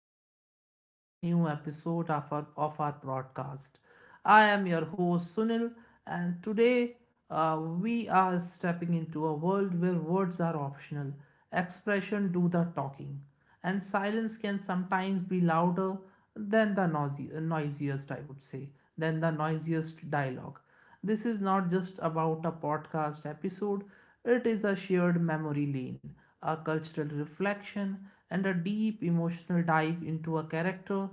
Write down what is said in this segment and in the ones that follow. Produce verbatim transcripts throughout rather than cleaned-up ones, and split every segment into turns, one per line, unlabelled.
welcome to this brand new episode of our, of our broadcast. I am your host, Sunil, and today uh, we are stepping into a world where words are optional, expression do the talking, and silence can sometimes be louder than the noisy, noisiest, I would say, than the noisiest dialogue. This is not just about a podcast episode, it is a shared memory lane, a cultural reflection, and a deep emotional dive into a character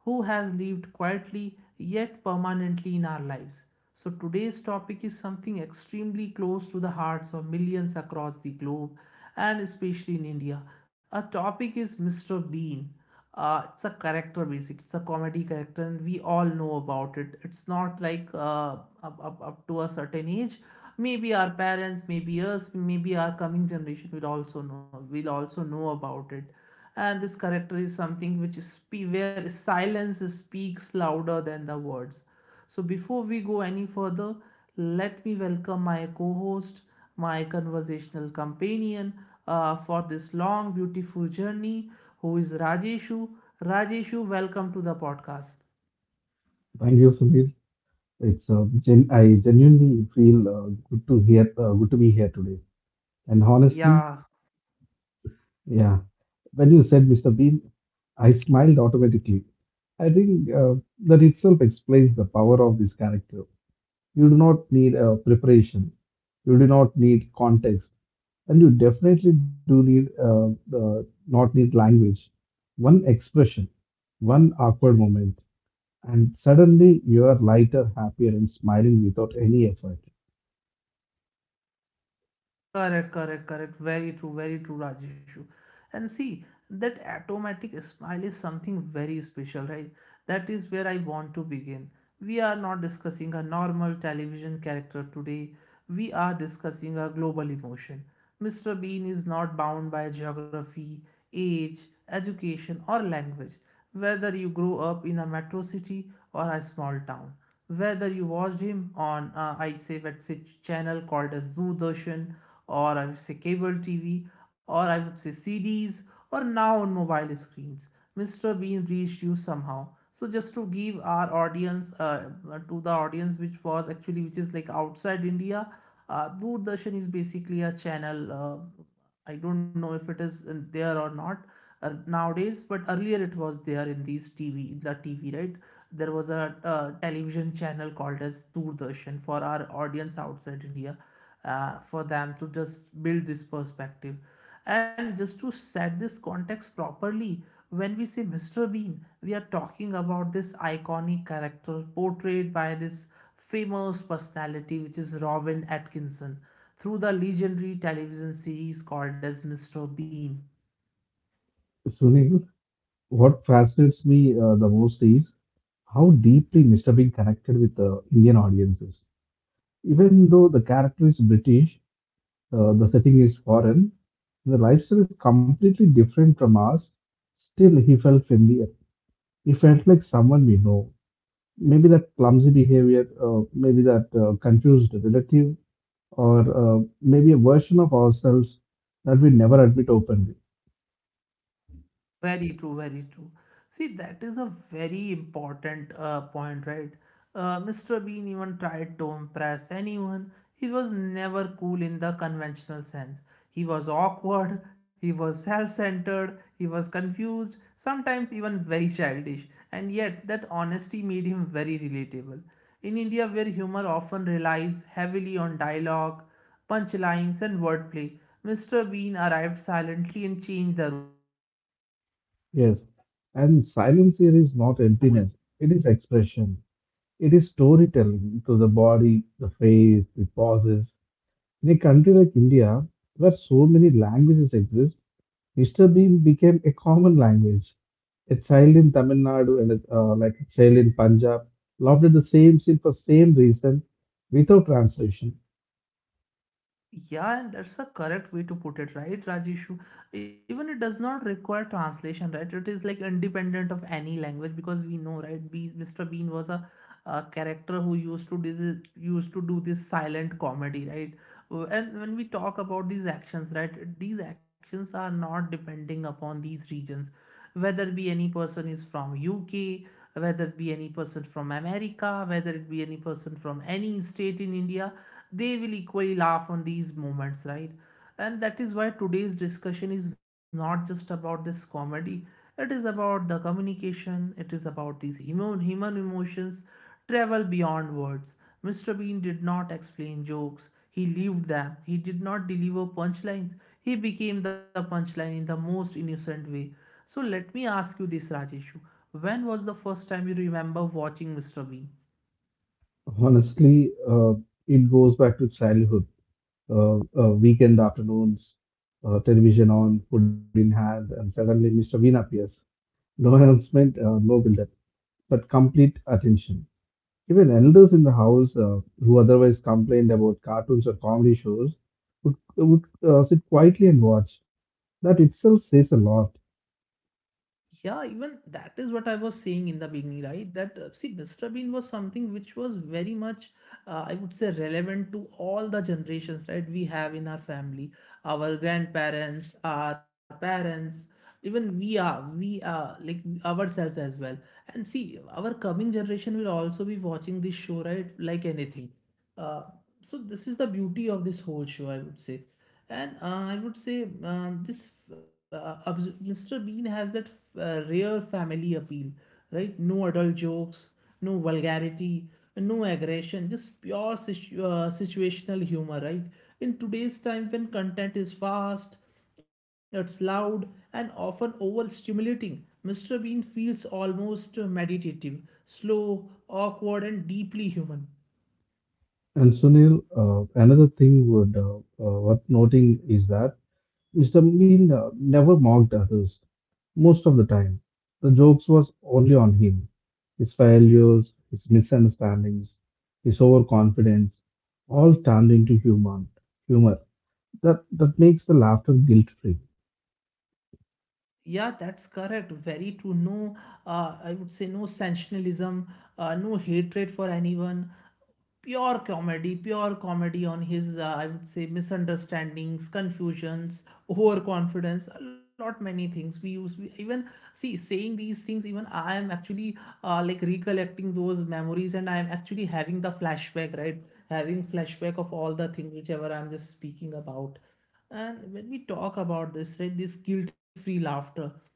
who has lived quietly yet permanently in our lives. So, today's topic is something extremely close to the hearts of millions across the globe and especially in India. Our topic is mister Bean. Uh, it's a character basic, it's a comedy character, and we all know about it. It's not like uh, up, up, up to a certain age. Maybe our parents, maybe us, maybe our coming generation will also know, will also know about it. And this character is something which is spe- where silence speaks louder than the words. So, before we go any further, let me welcome my co host, my conversational companion uh, for this long, beautiful journey, who is Rajeshu. Rajeshu, welcome to the podcast.
Thank you, Sudhir. It's uh, gen- I genuinely feel uh, good to hear, uh, good to be here today. And honestly,
Yeah.
yeah, when you said mister Bean, I smiled automatically. I think uh, that itself explains the power of this character. You do not need uh, preparation. You do not need context, and you definitely do need uh, uh, not need language. One expression, one awkward moment, and suddenly you are lighter, happier, and smiling without any effort.
Correct, correct, correct. Very true, very true, Rajeshu. And see, that automatic smile is something very special, right? That is where I want to begin. We are not discussing a normal television character today. We are discussing a global emotion. mister Bean is not bound by geography, age, education, or language. Whether you grow up in a metro city or a small town, whether you watched him on uh, I say, let's say, channel called as Doordarshan, or I would say cable T V, or I would say C Ds, or now on mobile screens. mister Bean reached you somehow. So just to give our audience, uh, to the audience which was actually which is like outside India, uh, Doordarshan is basically a channel. uh, I don't know if it is in there or not uh, nowadays, but earlier it was there in these T V, in the T V, right? There was a uh, television channel called as Doordarshan for our audience outside India, uh, for them to just build this perspective. And just to set this context properly, when we say mister Bean, we are talking about this iconic character portrayed by this famous personality, which is Robin Atkinson, through the legendary television series called as mister Bean.
Sunil, what fascinates me uh, the most is how deeply mister Bean connected with the Indian audiences. Even though the character is British, uh, the setting is foreign, the lifestyle is completely different from ours, still he felt familiar. He felt like someone we know. Maybe that clumsy behavior, uh, maybe that uh, confused relative, or uh, maybe a version of ourselves that we never admit openly.
Very true, very true. See, that is a very important uh, point, right? Uh, mister Bean even tried to impress anyone. He was never cool in the conventional sense. He was awkward, he was self centered, he was confused, sometimes even very childish. And yet, that honesty made him very relatable. In India, where humor often relies heavily on dialogue, punchlines, and wordplay, mister Bean arrived silently and changed the rules.
Yes, and silence here is not emptiness, it is expression. It is storytelling to the body, the face, the pauses. In a country like India, where so many languages exist, mister Bean became a common language. A child in Tamil Nadu and a, uh, like a child in Punjab loved the same scene for same reason without translation.
Yeah, and that's a correct way to put it, right, Rajeshu? Even it does not require translation, right? It is like independent of any language because we know, right? Be mister Bean was a, a character who used to do this, used to do this silent comedy, right? Uh, and when we talk about these actions, right, these actions are not depending upon these regions, whether it be any person is from U K, whether it be any person from America, whether it be any person from any state in India, they will equally laugh on these moments, right? And that is why today's discussion is not just about this comedy, it is about the communication, it is about these human, human emotions travel beyond words. mister Bean did not explain jokes, he lived them. He did not deliver punchlines, he became the punchline in the most innocent way. So let me ask you this, Rajeshu. When was the first time you remember watching mister Bean?
Honestly, uh, it goes back to childhood. Uh, uh, weekend afternoons, uh, television on, food in hand, and suddenly mister Bean appears. No announcement, uh, no build-up, but complete attention. Even elders in the house uh, who otherwise complained about cartoons or comedy shows would, would uh, sit quietly and watch. That itself says a lot.
Yeah, even that is what I was saying in the beginning, right? That uh, see, mister Bean was something which was very much, uh, I would say, relevant to all the generations, right? We have in our family, our grandparents, our parents, even we are, we are like ourselves as well. And see, our coming generation will also be watching this show, right? Like anything. Uh, so this is the beauty of this whole show, I would say. And uh, I would say um, this uh, obs- mister Bean has that uh, rare family appeal, right? No adult jokes, no vulgarity, no aggression, just pure situ- uh, situational humor, right? In today's time, when content is fast, it's loud, and often overstimulating, mister Bean feels almost meditative, slow, awkward, and deeply human.
And Sunil, uh, another thing would uh, uh, worth noting is that mister Mean uh, never mocked others most of the time. The jokes was only on him, his failures, his misunderstandings, his overconfidence, all turned into humor. Humor that that makes the laughter guilt-free.
Yeah, that's correct. Very true. No, uh, I would say no sensationalism, uh, no hatred for anyone. Pure comedy, pure comedy on his, uh, I would say, misunderstandings, confusions, overconfidence, a lot many things. We use, we even see, saying these things, even I am actually uh, like recollecting those memories and I am actually having the flashback, right? Having flashback of all the things, whichever I'm just speaking about. And when we talk about this, right, this guilt free laughter,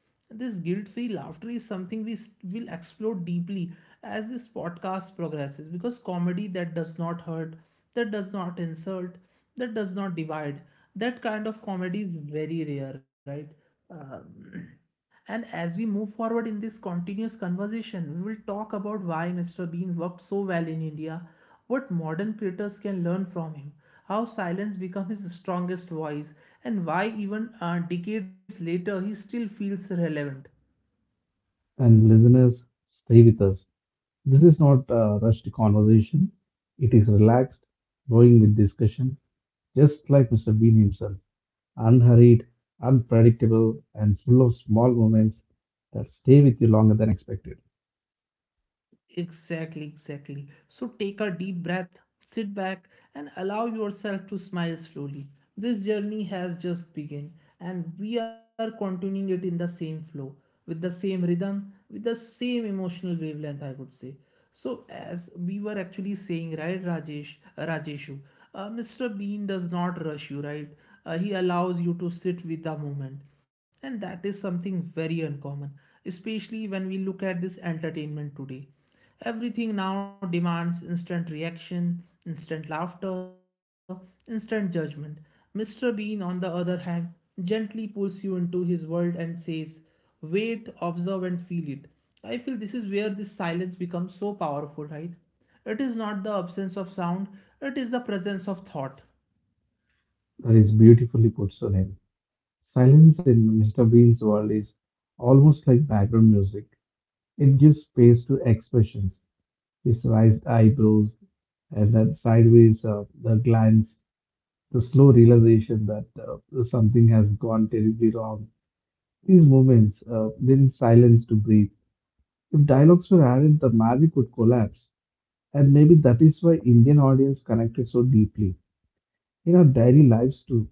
this guilt free laughter is something we s- will explore deeply as this podcast progresses because comedy that does not hurt, that does not insult, that does not divide, that kind of comedy is very rare, right? Um, and as we move forward in this continuous conversation, we will talk about why mister Bean worked so well in India, what modern creators can learn from him, how silence became his strongest voice, and why even uh, decades later he still feels relevant.
And listeners, stay with us. This is not a rushed conversation, it is relaxed, flowing with discussion, just like mister Bean himself, unhurried, unpredictable, and full of small moments that stay with you longer than expected.
Exactly, exactly. So take a deep breath, sit back, and allow yourself to smile slowly. This journey has just begun, and we are continuing it in the same flow, with the same rhythm, with the same emotional wavelength, I would say. So as we were actually saying, right, Rajesh, uh, Rajeshu, uh, mister Bean does not rush you, right? Uh, he allows you to sit with the moment, and that is something very uncommon, especially when we look at this entertainment today. Everything now demands instant reaction, instant laughter, instant judgment. mister Bean, on the other hand, gently pulls you into his world and says, wait, observe, and feel it. I feel this is where this silence becomes so powerful, right? It is not the absence of sound, it is the presence of thought.
That is beautifully put, Sunil. Silence in mister Bean's world is almost like background music. It gives space to expressions, his raised eyebrows, and that sideways uh, the glance, the slow realization that uh, something has gone terribly wrong. These moments uh, then silence to breathe. If dialogues were added, the magic would collapse, and maybe that is why Indian audience connected so deeply. In our daily lives too,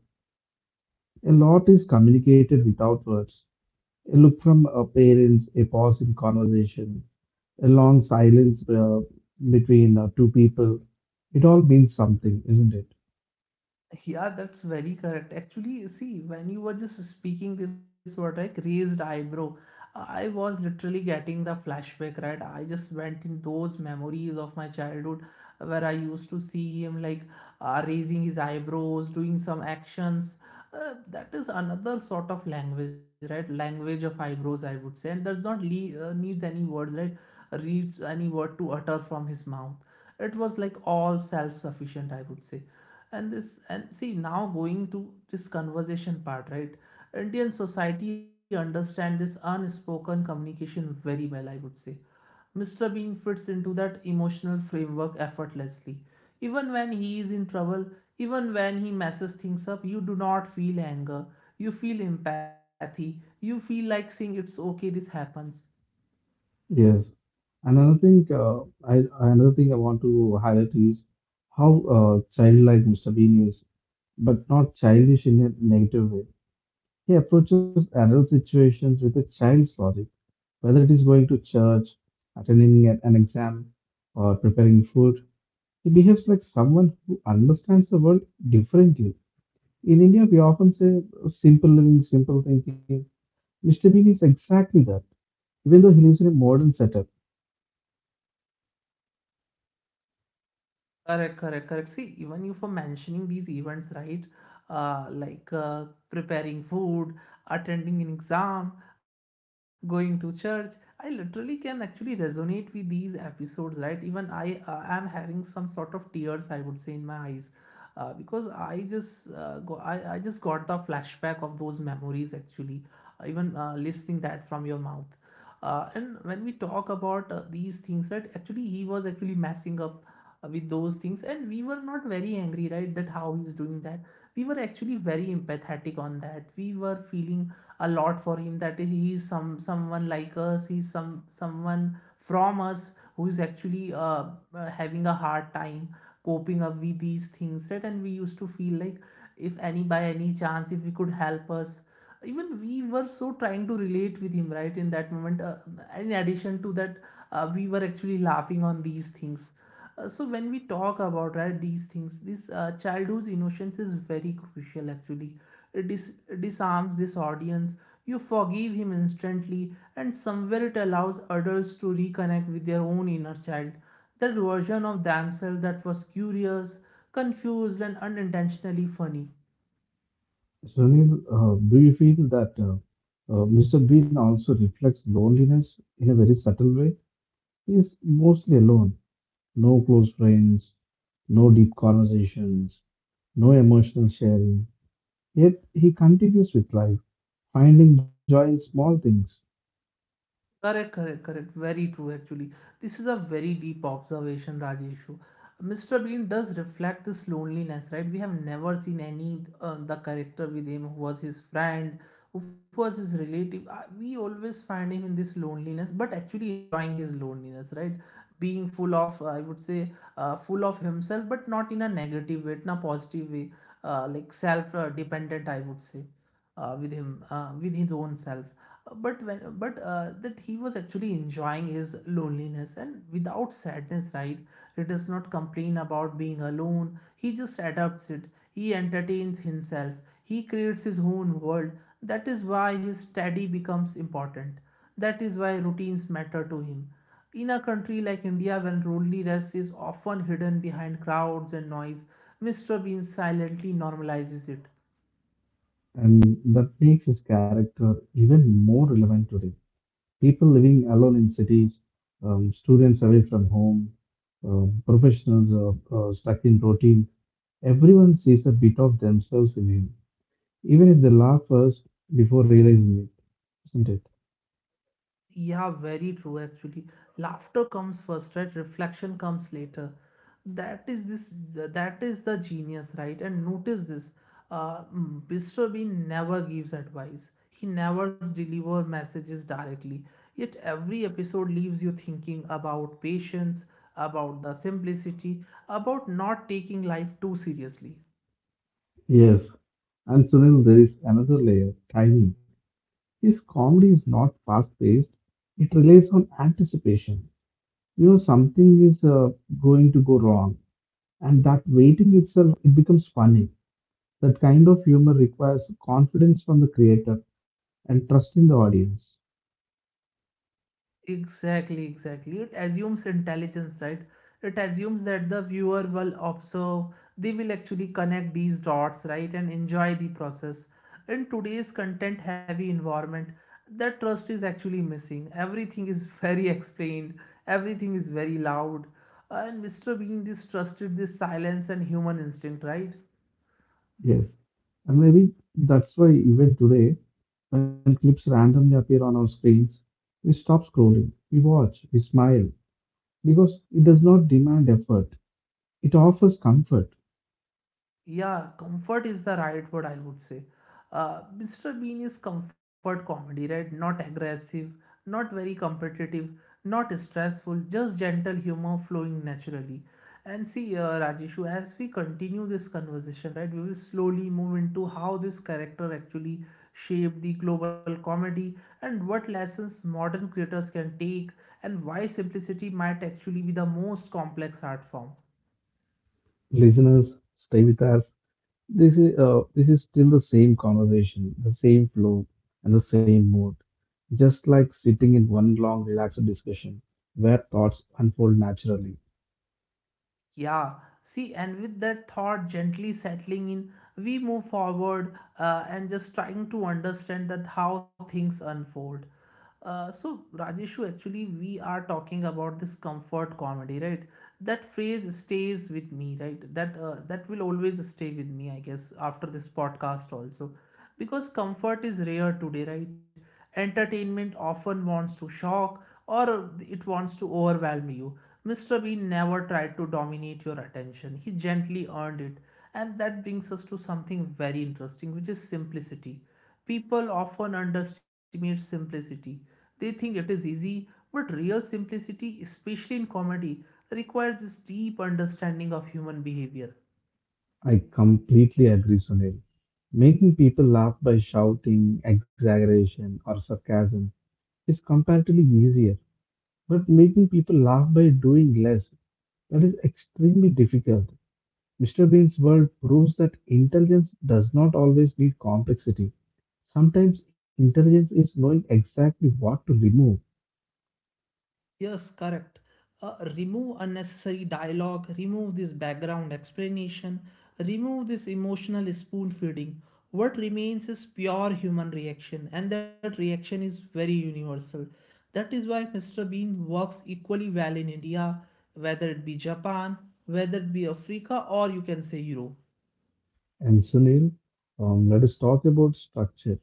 a lot is communicated without words. A look from uh, parents, a pause in conversation, a long silence uh, between uh, two people. It all means something, isn't it?
Yeah, that's very correct. Actually, see, when you were just speaking this word like raised eyebrow, I was literally getting the flashback, right? I just went in those memories of my childhood where I used to see him like uh, raising his eyebrows, doing some actions. Uh, that is another sort of language, right? Language of eyebrows, I would say, and does not le- uh, needs any words, right? Reads any word to utter from his mouth. It was like all self-sufficient, I would say. And this and see, now going to this conversation part, right, Indian society understand this unspoken communication very well, I would say. mister Bean fits into that emotional framework effortlessly. Even when he is in trouble, even when he messes things up, you do not feel anger. You feel empathy. You feel like saying it's okay, this happens.
Yes. Another thing, uh, I, Another thing I want to highlight is how uh, childlike mister Bean is, but not childish in a negative way. He approaches adult situations with a child's logic, whether it is going to church, attending an an exam, or preparing food. He behaves like someone who understands the world differently. In India, we often say uh, simple living, simple thinking. mister Bean is exactly that, even though he lives in a modern setup.
Correct, correct, correct. See, even you for mentioning these events, right? Uh, like uh, preparing food, attending an exam, going to church. I literally can actually resonate with these episodes, right? Even I uh, am having some sort of tears, I would say, in my eyes, uh, because I just uh, go, I, I just got the flashback of those memories actually. Even uh, listening that from your mouth. Uh, and when we talk about uh, these things, that actually he was actually messing up uh, with those things, and we were not very angry, right, that how he was doing that. We were actually very empathetic on that. We were feeling a lot for him, that he is some someone like us, he's some someone from us who is actually uh, uh, having a hard time coping up with these things, right? And we used to feel like, if any, by any chance, if we could help us, even we were so trying to relate with him, right, in that moment. Uh, in addition to that, uh, we were actually laughing on these things. Uh, so when we talk about, right, these things, this uh, childhood innocence is very crucial actually. It dis- disarms this audience. You forgive him instantly, and somewhere it allows adults to reconnect with their own inner child, that version of themselves that was curious, confused, and unintentionally funny.
So, Sunil, uh, do you feel that uh, uh, mister Bean also reflects loneliness in a very subtle way? He is mostly alone, no close friends, no deep conversations, no emotional sharing. Yet he continues with life, finding joy in small things.
Correct, correct, correct. Very true, actually. This is a very deep observation, Rajeshu. mister Bean does reflect this loneliness, right? We have never seen any uh, the character with him who was his friend, who was his relative. Uh, We always find him in this loneliness, but actually enjoying his loneliness, right? Being full of, uh, I would say, uh, full of himself, but not in a negative way, in a positive way, uh, like self-dependent, I would say uh, with him uh, with his own self. Uh, but when but uh, that he was actually enjoying his loneliness and without sadness, right? He does not complain about being alone. He just adapts it. He entertains himself. He creates his own world. That is why his study becomes important. That is why routines matter to him. In a country like India, when loneliness is often hidden behind crowds and noise, mister Bean silently normalizes it.
And that makes his character even more relevant today. People living alone in cities, um, students away from home, um, professionals uh, uh, stuck in routine, everyone sees a bit of themselves in him, even if they laugh first before realizing it, isn't it?
Yeah, very true actually. Laughter comes first, right? Reflection comes later. That is this that is the genius, right? And notice this. Uh mm, mister Bean never gives advice. He never delivers messages directly. Yet every episode leaves you thinking about patience, about the simplicity, about not taking life too seriously.
Yes, and Sunil, there is another layer, timing. His comedy is not fast paced, it relies on anticipation. You know, something is uh, going to go wrong, and that waiting itself, it becomes funny. That kind of humor requires confidence from the creator and trust in the audience.
Exactly, exactly. It assumes intelligence, right? It assumes that the viewer will observe, they will actually connect these dots, right, and enjoy the process. In today's content heavy environment, that trust is actually missing. Everything is very explained, everything is very loud. And mister Bean distrusted this silence and human instinct, right?
Yes, and maybe that's why even today, when clips randomly appear on our screens, we stop scrolling, we watch, we smile, because it does not demand effort, it offers comfort.
Yeah, comfort is the right word, I would say. Uh, mister Bean is comfort comedy, right? Not aggressive, not very competitive, not stressful, just gentle humor flowing naturally. And see, uh, Rajeshu, as we continue this conversation, right, we will slowly move into how this character actually shaped the global comedy and what lessons modern creators can take and why simplicity might actually be the most complex art form.
Listeners, stay with us. This is uh, this is still the same conversation, the same flow, and the same mood. Just like sitting in one long, relaxed discussion where thoughts unfold naturally.
Yeah, see, and with that thought gently settling in, we move forward uh, and just trying to understand that how things unfold. Uh, so, Rajeshu, actually, we are talking about this comfort comedy, right? That phrase stays with me, right? That uh, that will always stay with me, I guess, after this podcast also, because comfort is rare today, right? Entertainment often wants to shock, or it wants to overwhelm you. Mr. Bean never tried to dominate your attention, he gently earned it. And that brings us to something very interesting, which is simplicity. People often underestimate simplicity. They think it is easy, but real simplicity, especially in comedy, requires this deep understanding of human behavior.
I completely agree, Sunil. Making people laugh by shouting, exaggeration, or sarcasm is comparatively easier, but making people laugh by doing less, that is extremely difficult. mister Bean's world proves that intelligence does not always need complexity. Sometimes intelligence is knowing exactly what to remove.
Yes, correct. Uh, remove unnecessary dialogue, remove this background explanation, remove this emotional spoon feeding. What remains is pure human reaction, and that reaction is very universal. That is why mister Bean works equally well in India, whether it be Japan, whether it be Africa, or you can say Europe.
And Sunil, um, let us talk about structure.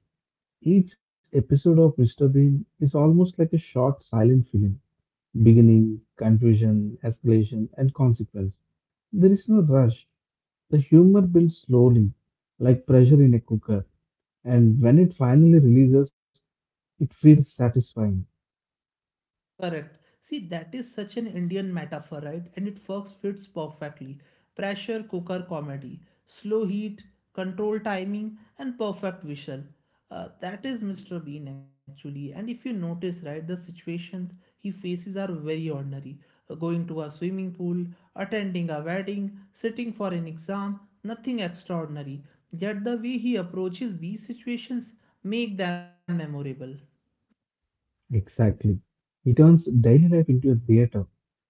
Each episode of mister Bean is almost like a short silent film: beginning, confusion, escalation, and consequence. There is no rush. The humor builds slowly, like pressure in a cooker, and when it finally releases, it feels satisfying.
Correct. See, that is such an Indian metaphor, right? And it works fits perfectly. Pressure cooker comedy, slow heat, control timing, and perfect visual. Uh, that is mister Bean actually. And if you notice, right, the situations he faces are very ordinary. Uh, going to a swimming pool, attending a wedding, sitting for an exam, nothing extraordinary. Yet the way he approaches these situations make them memorable.
Exactly. He turns daily life into a theater.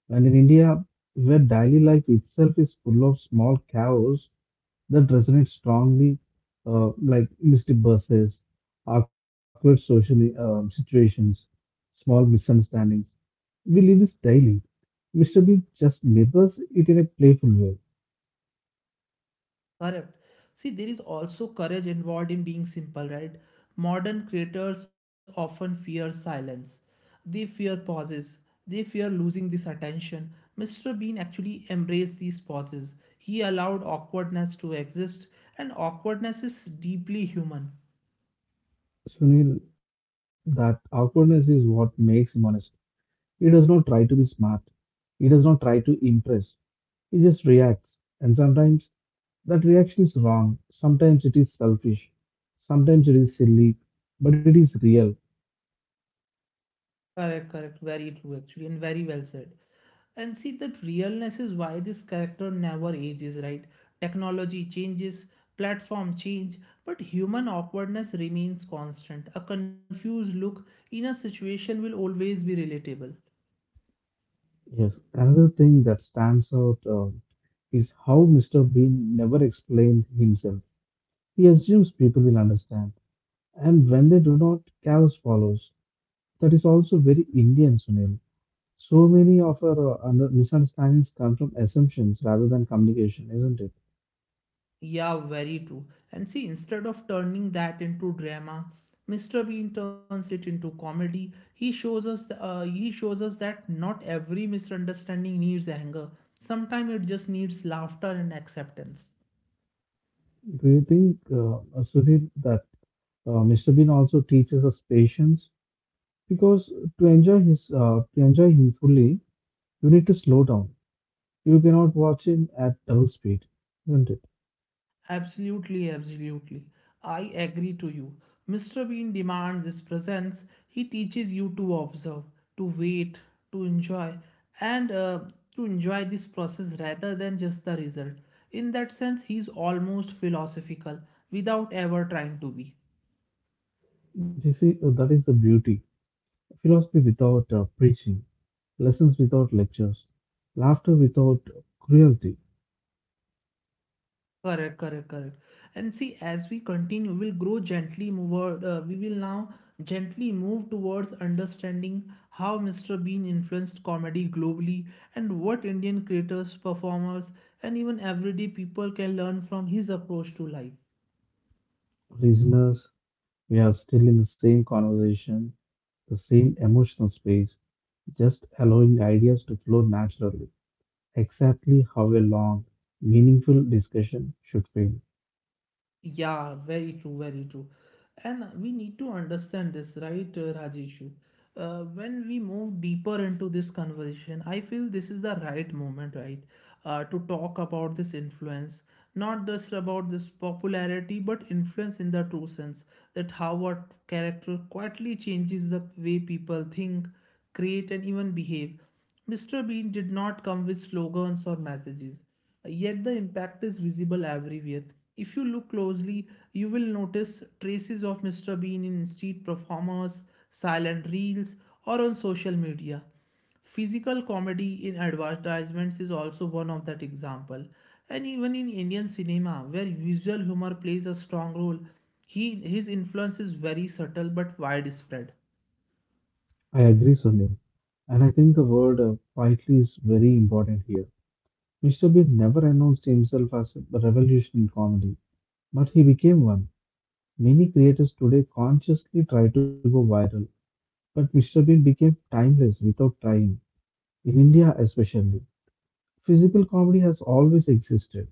And in India, where daily life itself is full of small chaos that resonate strongly, uh, like missed buses, awkward social uh, situations, small misunderstandings, we live this daily. mister Bean just mirrors it in a playful way.
Correct. See, there is also courage involved in being simple, right? Modern creators often fear silence. They fear pauses. They fear losing this attention. mister Bean actually embraced these pauses. He allowed awkwardness to exist, and awkwardness is deeply human.
Sunil, that awkwardness is what makes him honest. He does not try to be smart. He does not try to impress. He just reacts, and sometimes that reaction is wrong, sometimes it is selfish, sometimes it is silly, but it is real.
Correct, correct. Very true, actually, and very well said. And see, that realness is why this character never ages, right? Technology changes, platform change, but human awkwardness remains constant. A confused look in a situation will always be relatable.
Yes, another thing that stands out uh, is how mister Bean never explained himself. He assumes people will understand, and when they do not, chaos follows. That is also very Indian, Sunil. So many of our uh, under- misunderstandings come from assumptions rather than communication, isn't it?
Yeah, very true. And see, instead of turning that into drama, mister Bean turns it into comedy. He shows us, uh, he shows us that not every misunderstanding needs anger. Sometimes it just needs laughter and acceptance.
Do you think, uh, uh, Sudhir, that uh, mister Bean also teaches us patience? Because to enjoy his, uh, to enjoy him fully, you need to slow down. You cannot watch him at double speed, isn't it?
Absolutely, absolutely. I agree to you. mister Bean demands his presence. He teaches you to observe, to wait, to enjoy, and uh, to enjoy this process rather than just the result. In that sense, he's almost philosophical without ever trying to be.
This is, uh, that is the beauty. Philosophy without uh, preaching, lessons without lectures, laughter without cruelty.
Correct, correct, correct. And see, as we continue, we'll grow gently Move. Uh, we will now gently move towards understanding how mister Bean influenced comedy globally and what Indian creators, performers, and even everyday people can learn from his approach to life.
Listeners, we are still in the same conversation, the same emotional space, just allowing ideas to flow naturally, exactly how a long, meaningful discussion should feel.
Yeah, very true, very true. And we need to understand this, right, uh, Rajeshu? Uh, when we move deeper into this conversation, I feel this is the right moment, right, uh, to talk about this influence, not just about this popularity, but influence in the true sense, that how a character quietly changes the way people think, create, and even behave. mister Bean did not come with slogans or messages, yet the impact is visible everywhere. If you look closely, you will notice traces of mister Bean in street performers, silent reels, or on social media. Physical comedy in advertisements is also one of that example. And even in Indian cinema, where visual humor plays a strong role, he, his influence is very subtle but widespread.
I agree, Sunil, and I think the word uh, quietly is very important here. mister Bean never announced himself as a revolution in comedy, but he became one. Many creators today consciously try to go viral, but mister Bean became timeless without trying, in India especially. Physical comedy has always existed,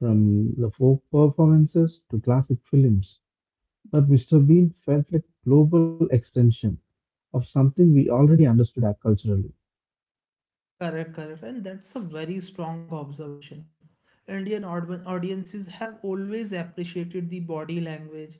from the folk performances to classic films. But mister Bean felt like a global extension of something we already understood culturally.
Correct, correct. And that's a very strong observation. Indian aud- audiences have always appreciated the body language,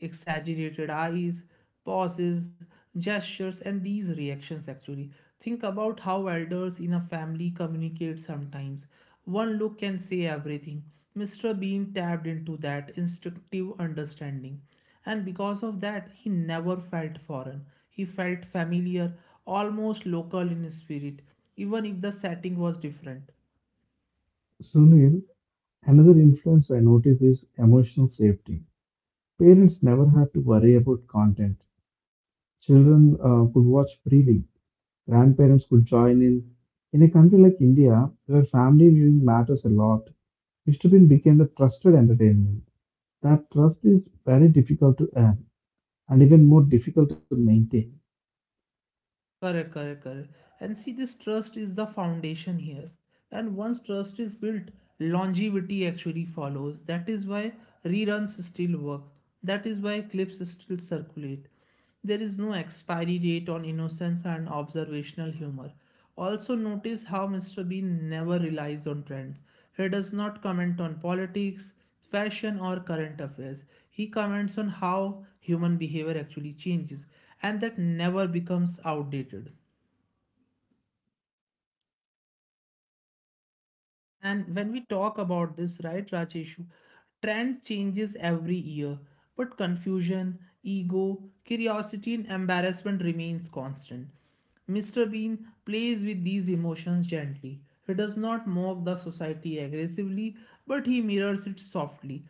exaggerated eyes, pauses, gestures, and these reactions actually. Think about how elders in a family communicate sometimes. One look can say everything. mister Bean tapped into that instinctive understanding. And because of that, he never felt foreign. He felt familiar, almost local in his spirit, even if the setting was different.
Sunil, another influence I notice is emotional safety. Parents never had to worry about content. Children uh, could watch freely. Grandparents could join in. In a country like India, where family viewing matters a lot, mister Bean became a trusted entertainment. That trust is very difficult to earn and even more difficult to maintain.
Correct, correct, correct. And see, this trust is the foundation here. And once trust is built, longevity actually follows. That is why reruns still work. That is why clips still circulate. There is no expiry date on innocence and observational humor. Also, notice how mister Bean never relies on trends. He does not comment on politics, fashion, or current affairs. He comments on how human behavior actually changes, and that never becomes outdated. And when we talk about this, right, Rajeshu, trend changes every year, but confusion, ego, curiosity, and embarrassment remains constant. mister Bean plays with these emotions gently. He does not mock the society aggressively, but he mirrors it softly.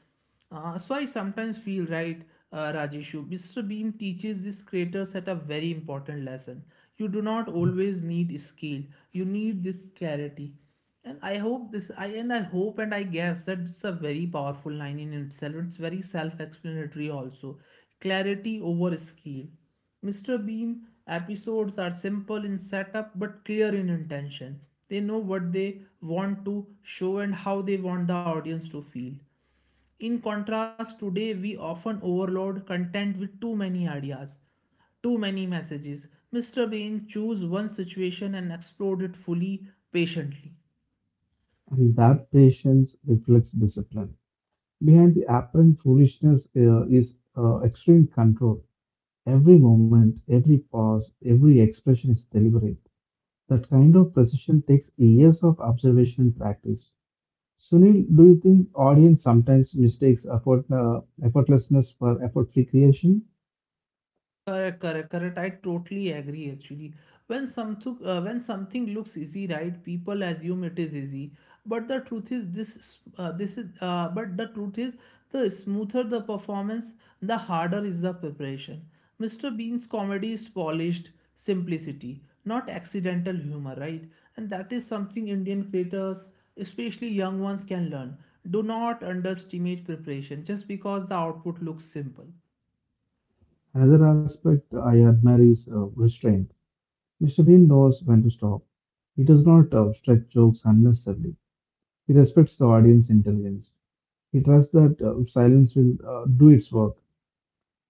Uh, so I sometimes feel right, uh, Rajeshu. mister Bean teaches these creators at a very important lesson. You do not always need scale. You need this clarity. And I hope this, I and I hope and I guess that it's a very powerful line in itself. It's very self-explanatory also. Clarity over skill. mister Bean episodes are simple in setup but clear in intention. They know what they want to show and how they want the audience to feel. In contrast, today we often overload content with too many ideas, too many messages. mister Bean chose one situation and explored it fully, patiently.
And that patience reflects discipline. Behind the apparent foolishness uh, is uh, extreme control. Every moment, every pause, every expression is deliberate. That kind of precision takes years of observation and practice. Sunil, do you think audience sometimes mistakes effort, uh, effortlessness for effort-free creation?
Correct, correct, correct. I totally agree actually. When something uh, when something looks easy, right, people assume it is easy. But the truth is this s- uh, this is uh, but the truth is, the smoother the performance, the harder is the preparation. mister Bean's comedy is polished simplicity, not accidental humor, right? And that is something Indian creators, especially young ones, can learn. Do not underestimate preparation just because the output looks simple.
Another aspect I admire is uh, restraint. mister Bean knows when to stop. He does not uh, stretch jokes unnecessarily. He respects the audience intelligence. He trusts that uh, silence will uh, do its work.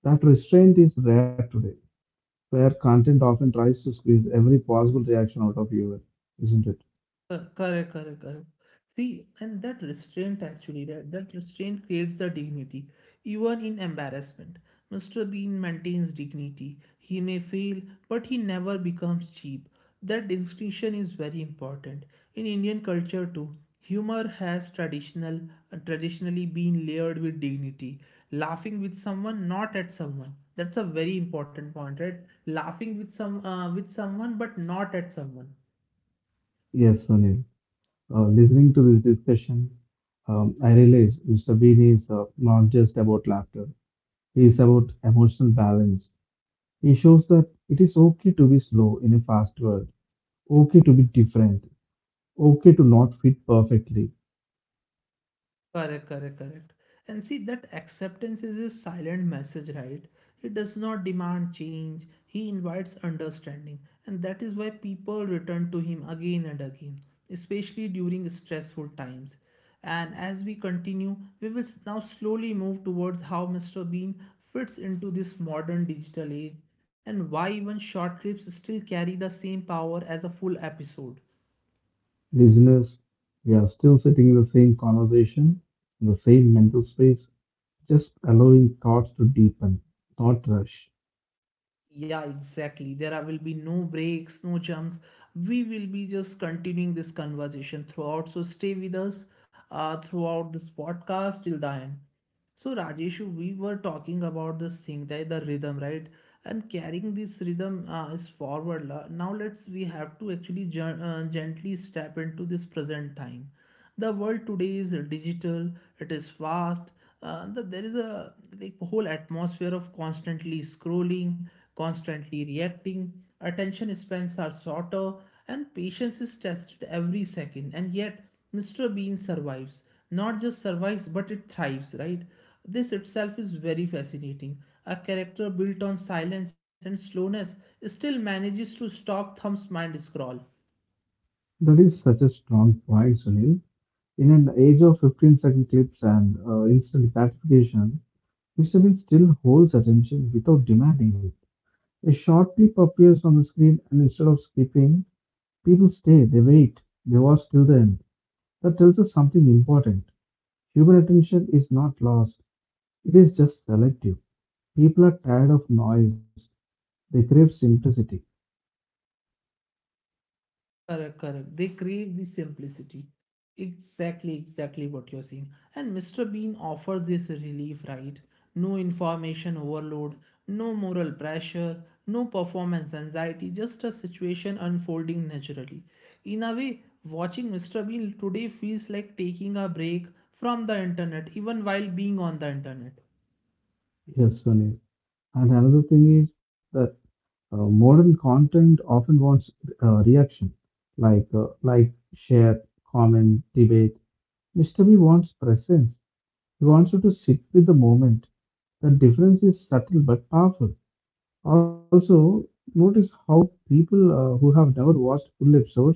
That restraint is rare today, where content often tries to squeeze every possible reaction out of you, isn't it?
Cor- Correct, correct, correct. See, and that restraint actually, that, that restraint creates the dignity, even in embarrassment. mister Bean maintains dignity. He may fail, but he never becomes cheap. That distinction is very important. In Indian culture too, humor has traditional traditionally been layered with dignity. Laughing with someone, not at someone. That's a very important point, right? Laughing with some uh, with someone, but not at someone.
Yes, Sunil. Uh, listening to this discussion, um, I realize mister Bean is uh, not just about laughter. He is about emotional balance. He shows that it is okay to be slow in a fast world, okay to be different, okay to not fit perfectly.
Correct, correct, correct. And see, that acceptance is a silent message, right? He does not demand change, he invites understanding. And that is why people return to him again and again, especially during stressful times. And as we continue, we will s- now slowly move towards how mister Bean fits into this modern digital age and why even short clips still carry the same power as a full episode.
Listeners, we are still sitting in the same conversation, in the same mental space, just allowing thoughts to deepen, not rush.
Yeah, exactly. There are- will be no breaks, no jumps. We will be just continuing this conversation throughout. So stay with us uh, throughout this podcast till the end. So Rajeshu, we were talking about this thing, that the rhythm, right? And carrying this rhythm uh, is forward. la- Now let's, we have to actually gen- uh, gently step into this present time. The world today is digital. It is fast. Uh, the, there is a like whole atmosphere of constantly scrolling, constantly reacting. Attention spans are shorter, and patience is tested every second. And yet mister Bean survives. Not just survives, but it thrives, right? This itself is very fascinating. A character built on silence and slowness still manages to stop thumbs mind scroll.
That is such a strong point, Sunil. In an age of fifteen second clips and uh, instant gratification, mister Bean still holds attention without demanding it. A short clip appears on the screen, and instead of skipping, people stay, they wait, they watch till the end. That tells us something important. Human attention is not lost, it is just selective. People are tired of noise. They crave simplicity.
Correct, correct. They crave the simplicity. Exactly, exactly what you're saying. And mister Bean offers this relief, right? No information overload, no moral pressure, no performance anxiety, just a situation unfolding naturally. In a way, watching mister Bean today feels like taking a break from the internet, even while being on the internet.
Yes, Sunil. And another thing is that uh, modern content often wants uh, reaction, like uh, like share, comment, debate. mister B wants presence. He wants you to sit with the moment. The difference is subtle but powerful. Also, notice how people uh, who have never watched full episodes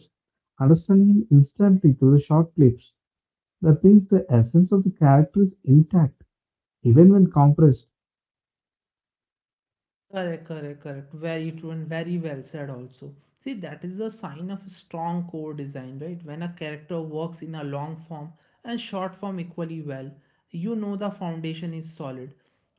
understand him instantly through the short clips. That means the essence of the character is intact, even when compressed.
Correct, correct, correct. Very true and very well said also. See, that is a sign of strong core design, right? When a character works in a long form and short form equally well, you know the foundation is solid.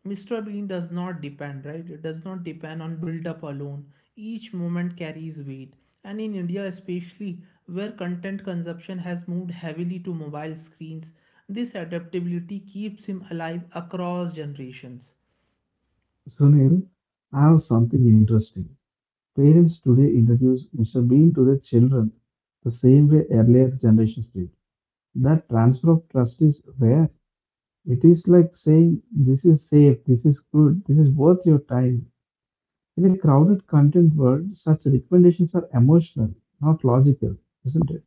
mister Bean does not depend, right? It does not depend on build up alone. Each moment carries weight. And in India, especially where content consumption has moved heavily to mobile screens, this adaptability keeps him alive across generations.
Sunil, has something interesting. Parents today introduce mister Bean to their children the same way earlier generations did. That transfer of trust is rare. It is like saying, "This is safe, this is good, this is worth your time." In a crowded content world, such recommendations are emotional, not logical, isn't it?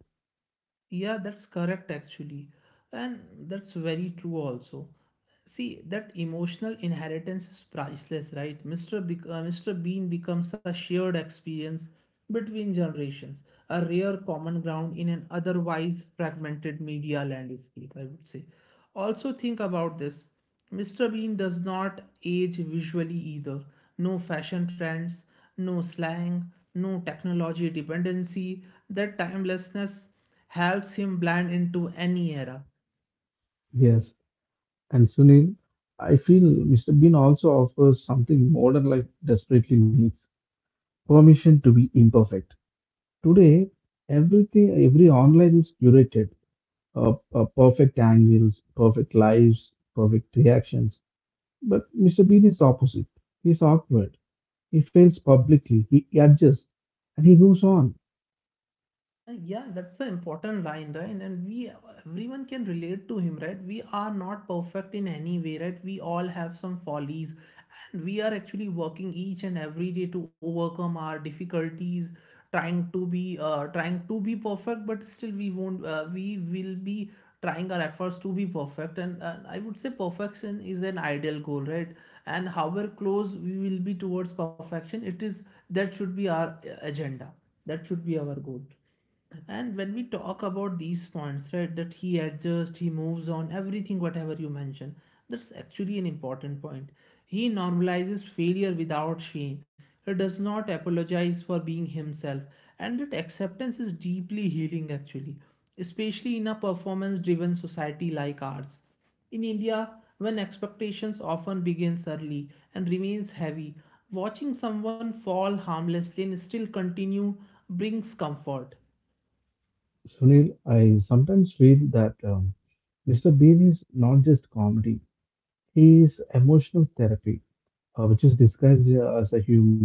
Yeah, that's correct actually. And that's very true also. See, that emotional inheritance is priceless, right? Mr. Bec- uh, mister Bean becomes a shared experience between generations, a rare common ground in an otherwise fragmented media landscape, I would say. Also, think about this mister Bean does not age visually either. No fashion trends, no slang, no technology dependency. That timelessness helps him blend into any era.
Yes, and Sunil, I feel mister Bean also offers something modern life desperately needs: permission to be imperfect. Today, everything, every online is curated, uh, uh, perfect angles, perfect lives, perfect reactions. But mister Bean is opposite. He's awkward. He fails publicly. He adjusts, and he moves on.
Uh, Yeah, that's an important line, right? And we, everyone can relate to him, right? We are not perfect in any way, right? We all have some follies, and we are actually working each and every day to overcome our difficulties, trying to be, uh, trying to be perfect, but still we won't, uh, we will be trying our efforts to be perfect. And uh, I would say perfection is an ideal goal, right? And however close we will be towards perfection, it is that should be our uh, agenda. That should be our goal. And when we talk about these points, right, that he adjusts, he moves on, everything, whatever you mention, that's actually an important point. He normalizes failure without shame. He does not apologize for being himself. And that acceptance is deeply healing, actually, especially in a performance driven society like ours. In India, when expectations often begins early and remains heavy, watching someone fall harmlessly and still continue brings comfort.
Sunil, I sometimes feel that um, mister Bean is not just comedy. He is emotional therapy, uh, which is disguised uh, as a humor.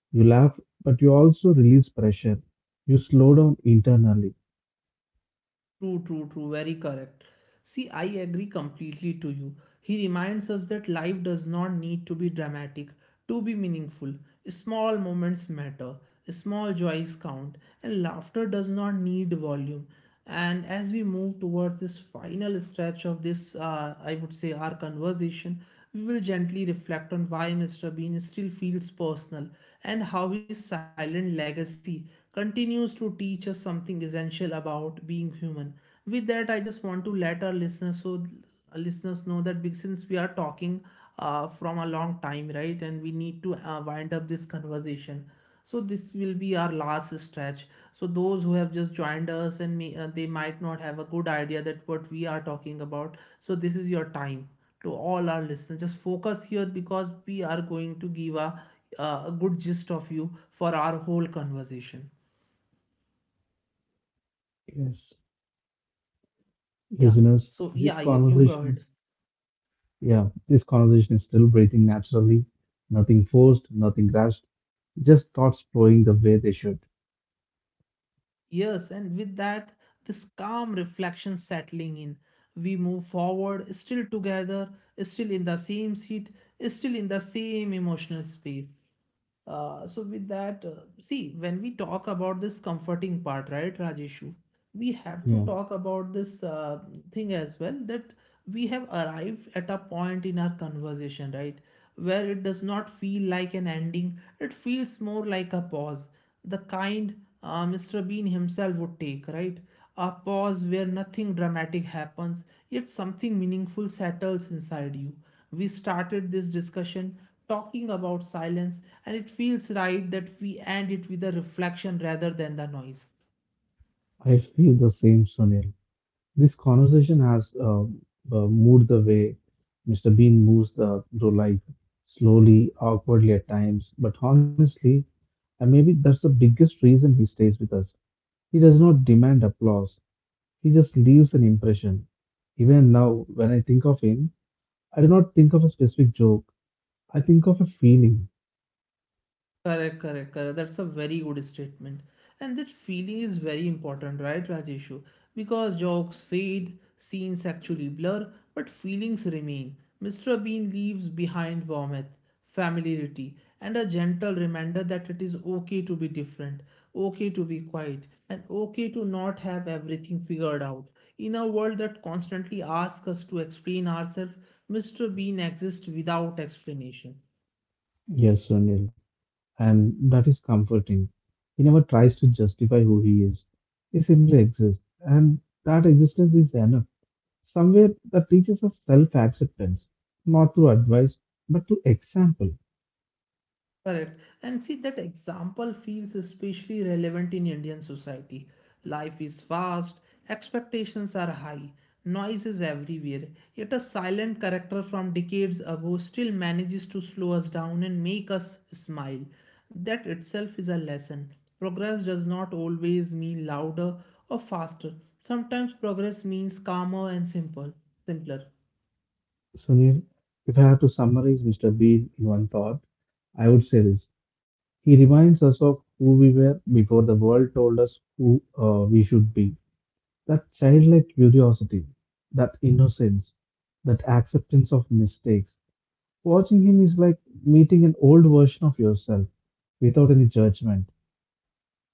You laugh, but you also release pressure. You slow down internally.
True, true, true, very correct. See, I agree completely to you. He reminds us that life does not need to be dramatic to be meaningful. Small moments matter, small joys count, and laughter does not need volume. And as we move towards this final stretch of this, uh, I would say, our conversation, we will gently reflect on why mister Bean still feels personal and how his silent legacy continues to teach us something essential about being human. With that, I just want to let our listeners so our listeners know that big- since we are talking uh, from a long time, right, and we need to uh, wind up this conversation. So this will be our last stretch. So those who have just joined us and may, uh, they might not have a good idea that what we are talking about. So this is your time to all our listeners. Just focus here because we are going to give a, uh, a good gist of you for our whole conversation.
Yes.
Yeah.
Listeners,
So
this
yeah, you, you go
conversation
ahead.
is yeah, this conversation is still breathing naturally, nothing forced, nothing rushed, just thoughts flowing the way they should.
Yes, and with that, this calm reflection settling in, we move forward, still together, still in the same seat, still in the same emotional space. Uh, so with that, uh, see, when we talk about this comforting part, right, Rajeshu, we have to
Yeah,
talk about this uh, thing as well that we have arrived at a point in our conversation, right, where it does not feel like an ending. It feels more like a pause, the kind uh, mister Bean himself would take, right? A pause where nothing dramatic happens, yet something meaningful settles inside you. We started this discussion talking about silence, and it feels right that we end it with a reflection rather than the noise.
I feel the same, Sunil. This conversation has uh, uh, moved the way mister Bean moves uh, through life, slowly, awkwardly at times, but honestly, and maybe that's the biggest reason he stays with us. He does not demand applause. He just leaves an impression. Even now, when I think of him, I do not think of a specific joke. I think of a feeling.
Correct, correct, correct. That's a very good statement. And that feeling is very important, right, Rajeshu? Because jokes fade, scenes actually blur, but feelings remain. mister Bean leaves behind warmth, familiarity, and a gentle reminder that it is okay to be different, okay to be quiet, and okay to not have everything figured out. In a world that constantly asks us to explain ourselves, mister Bean exists without explanation.
Yes, Sunil. And that is comforting. He never tries to justify who he is. He simply exists. And that existence is enough. Somewhere that teaches us self acceptance, not through advice, but through example.
Correct. And see, that example feels especially relevant in Indian society. Life is fast, expectations are high, noise is everywhere, yet a silent character from decades ago still manages to slow us down and make us smile. That itself is a lesson. Progress does not always mean louder or faster. Sometimes progress means calmer and simple, simpler.
Sunil, if I have to summarize mister Bean in one thought, I would say this. He reminds us of who we were before the world told us who uh, we should be. That childlike curiosity, that innocence, that acceptance of mistakes. Watching him is like meeting an old version of yourself without any judgment.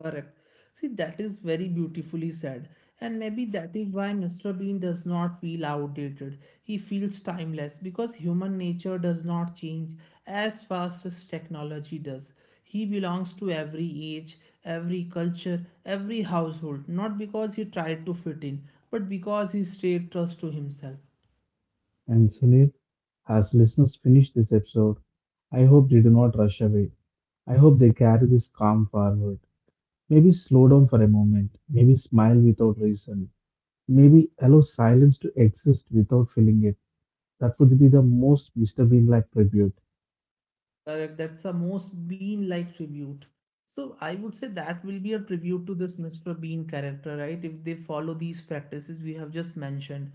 Correct. See, that is very beautifully said. And maybe that is why mister Bean does not feel outdated. He feels timeless because human nature does not change as fast as technology does. He belongs to every age, every culture, every household, not because he tried to fit in, but because he stayed true to himself.
And Sunil, as listeners finish this episode, I hope they do not rush away. I hope they carry this calm forward. Maybe slow down for a moment. Maybe smile without reason. Maybe allow silence to exist without feeling it. That would be the most mister Bean like tribute.
Correct. That's a most Bean-like tribute. So I would say that will be a tribute to this mister Bean character, right? If they follow these practices we have just mentioned.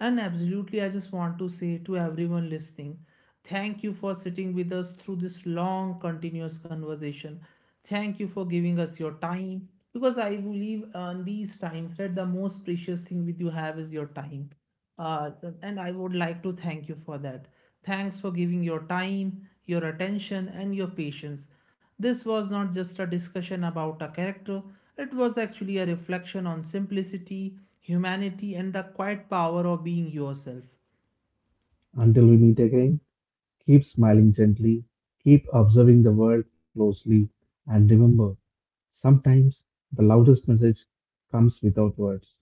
And absolutely, I just want to say to everyone listening, thank you for sitting with us through this long, continuous conversation. Thank you for giving us your time because I believe on these times that the most precious thing with you have is your time. Uh, and I would like to thank you for that. Thanks for giving your time, your attention, and your patience. This was not just a discussion about a character, it was actually a reflection on simplicity, humanity, and the quiet power of being yourself.
Until we meet again, keep smiling gently, keep observing the world closely, and remember, sometimes the loudest message comes without words.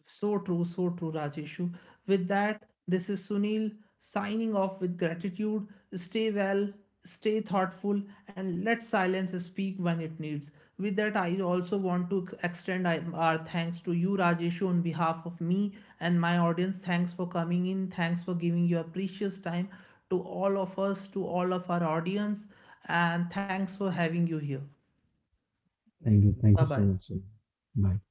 So true, so true, Rajeshu. With that, this is Sunil signing off with gratitude. Stay well, stay thoughtful, and let silence speak when it needs. With that, I also want to extend I- our thanks to you, Rajeshu, on behalf of me and my audience. Thanks for coming in. Thanks for giving your precious time to all of us, to all of our audience, and thanks for having you here.
Thank you.
Bye
Thank you
bye.
so much, Sunil. Bye.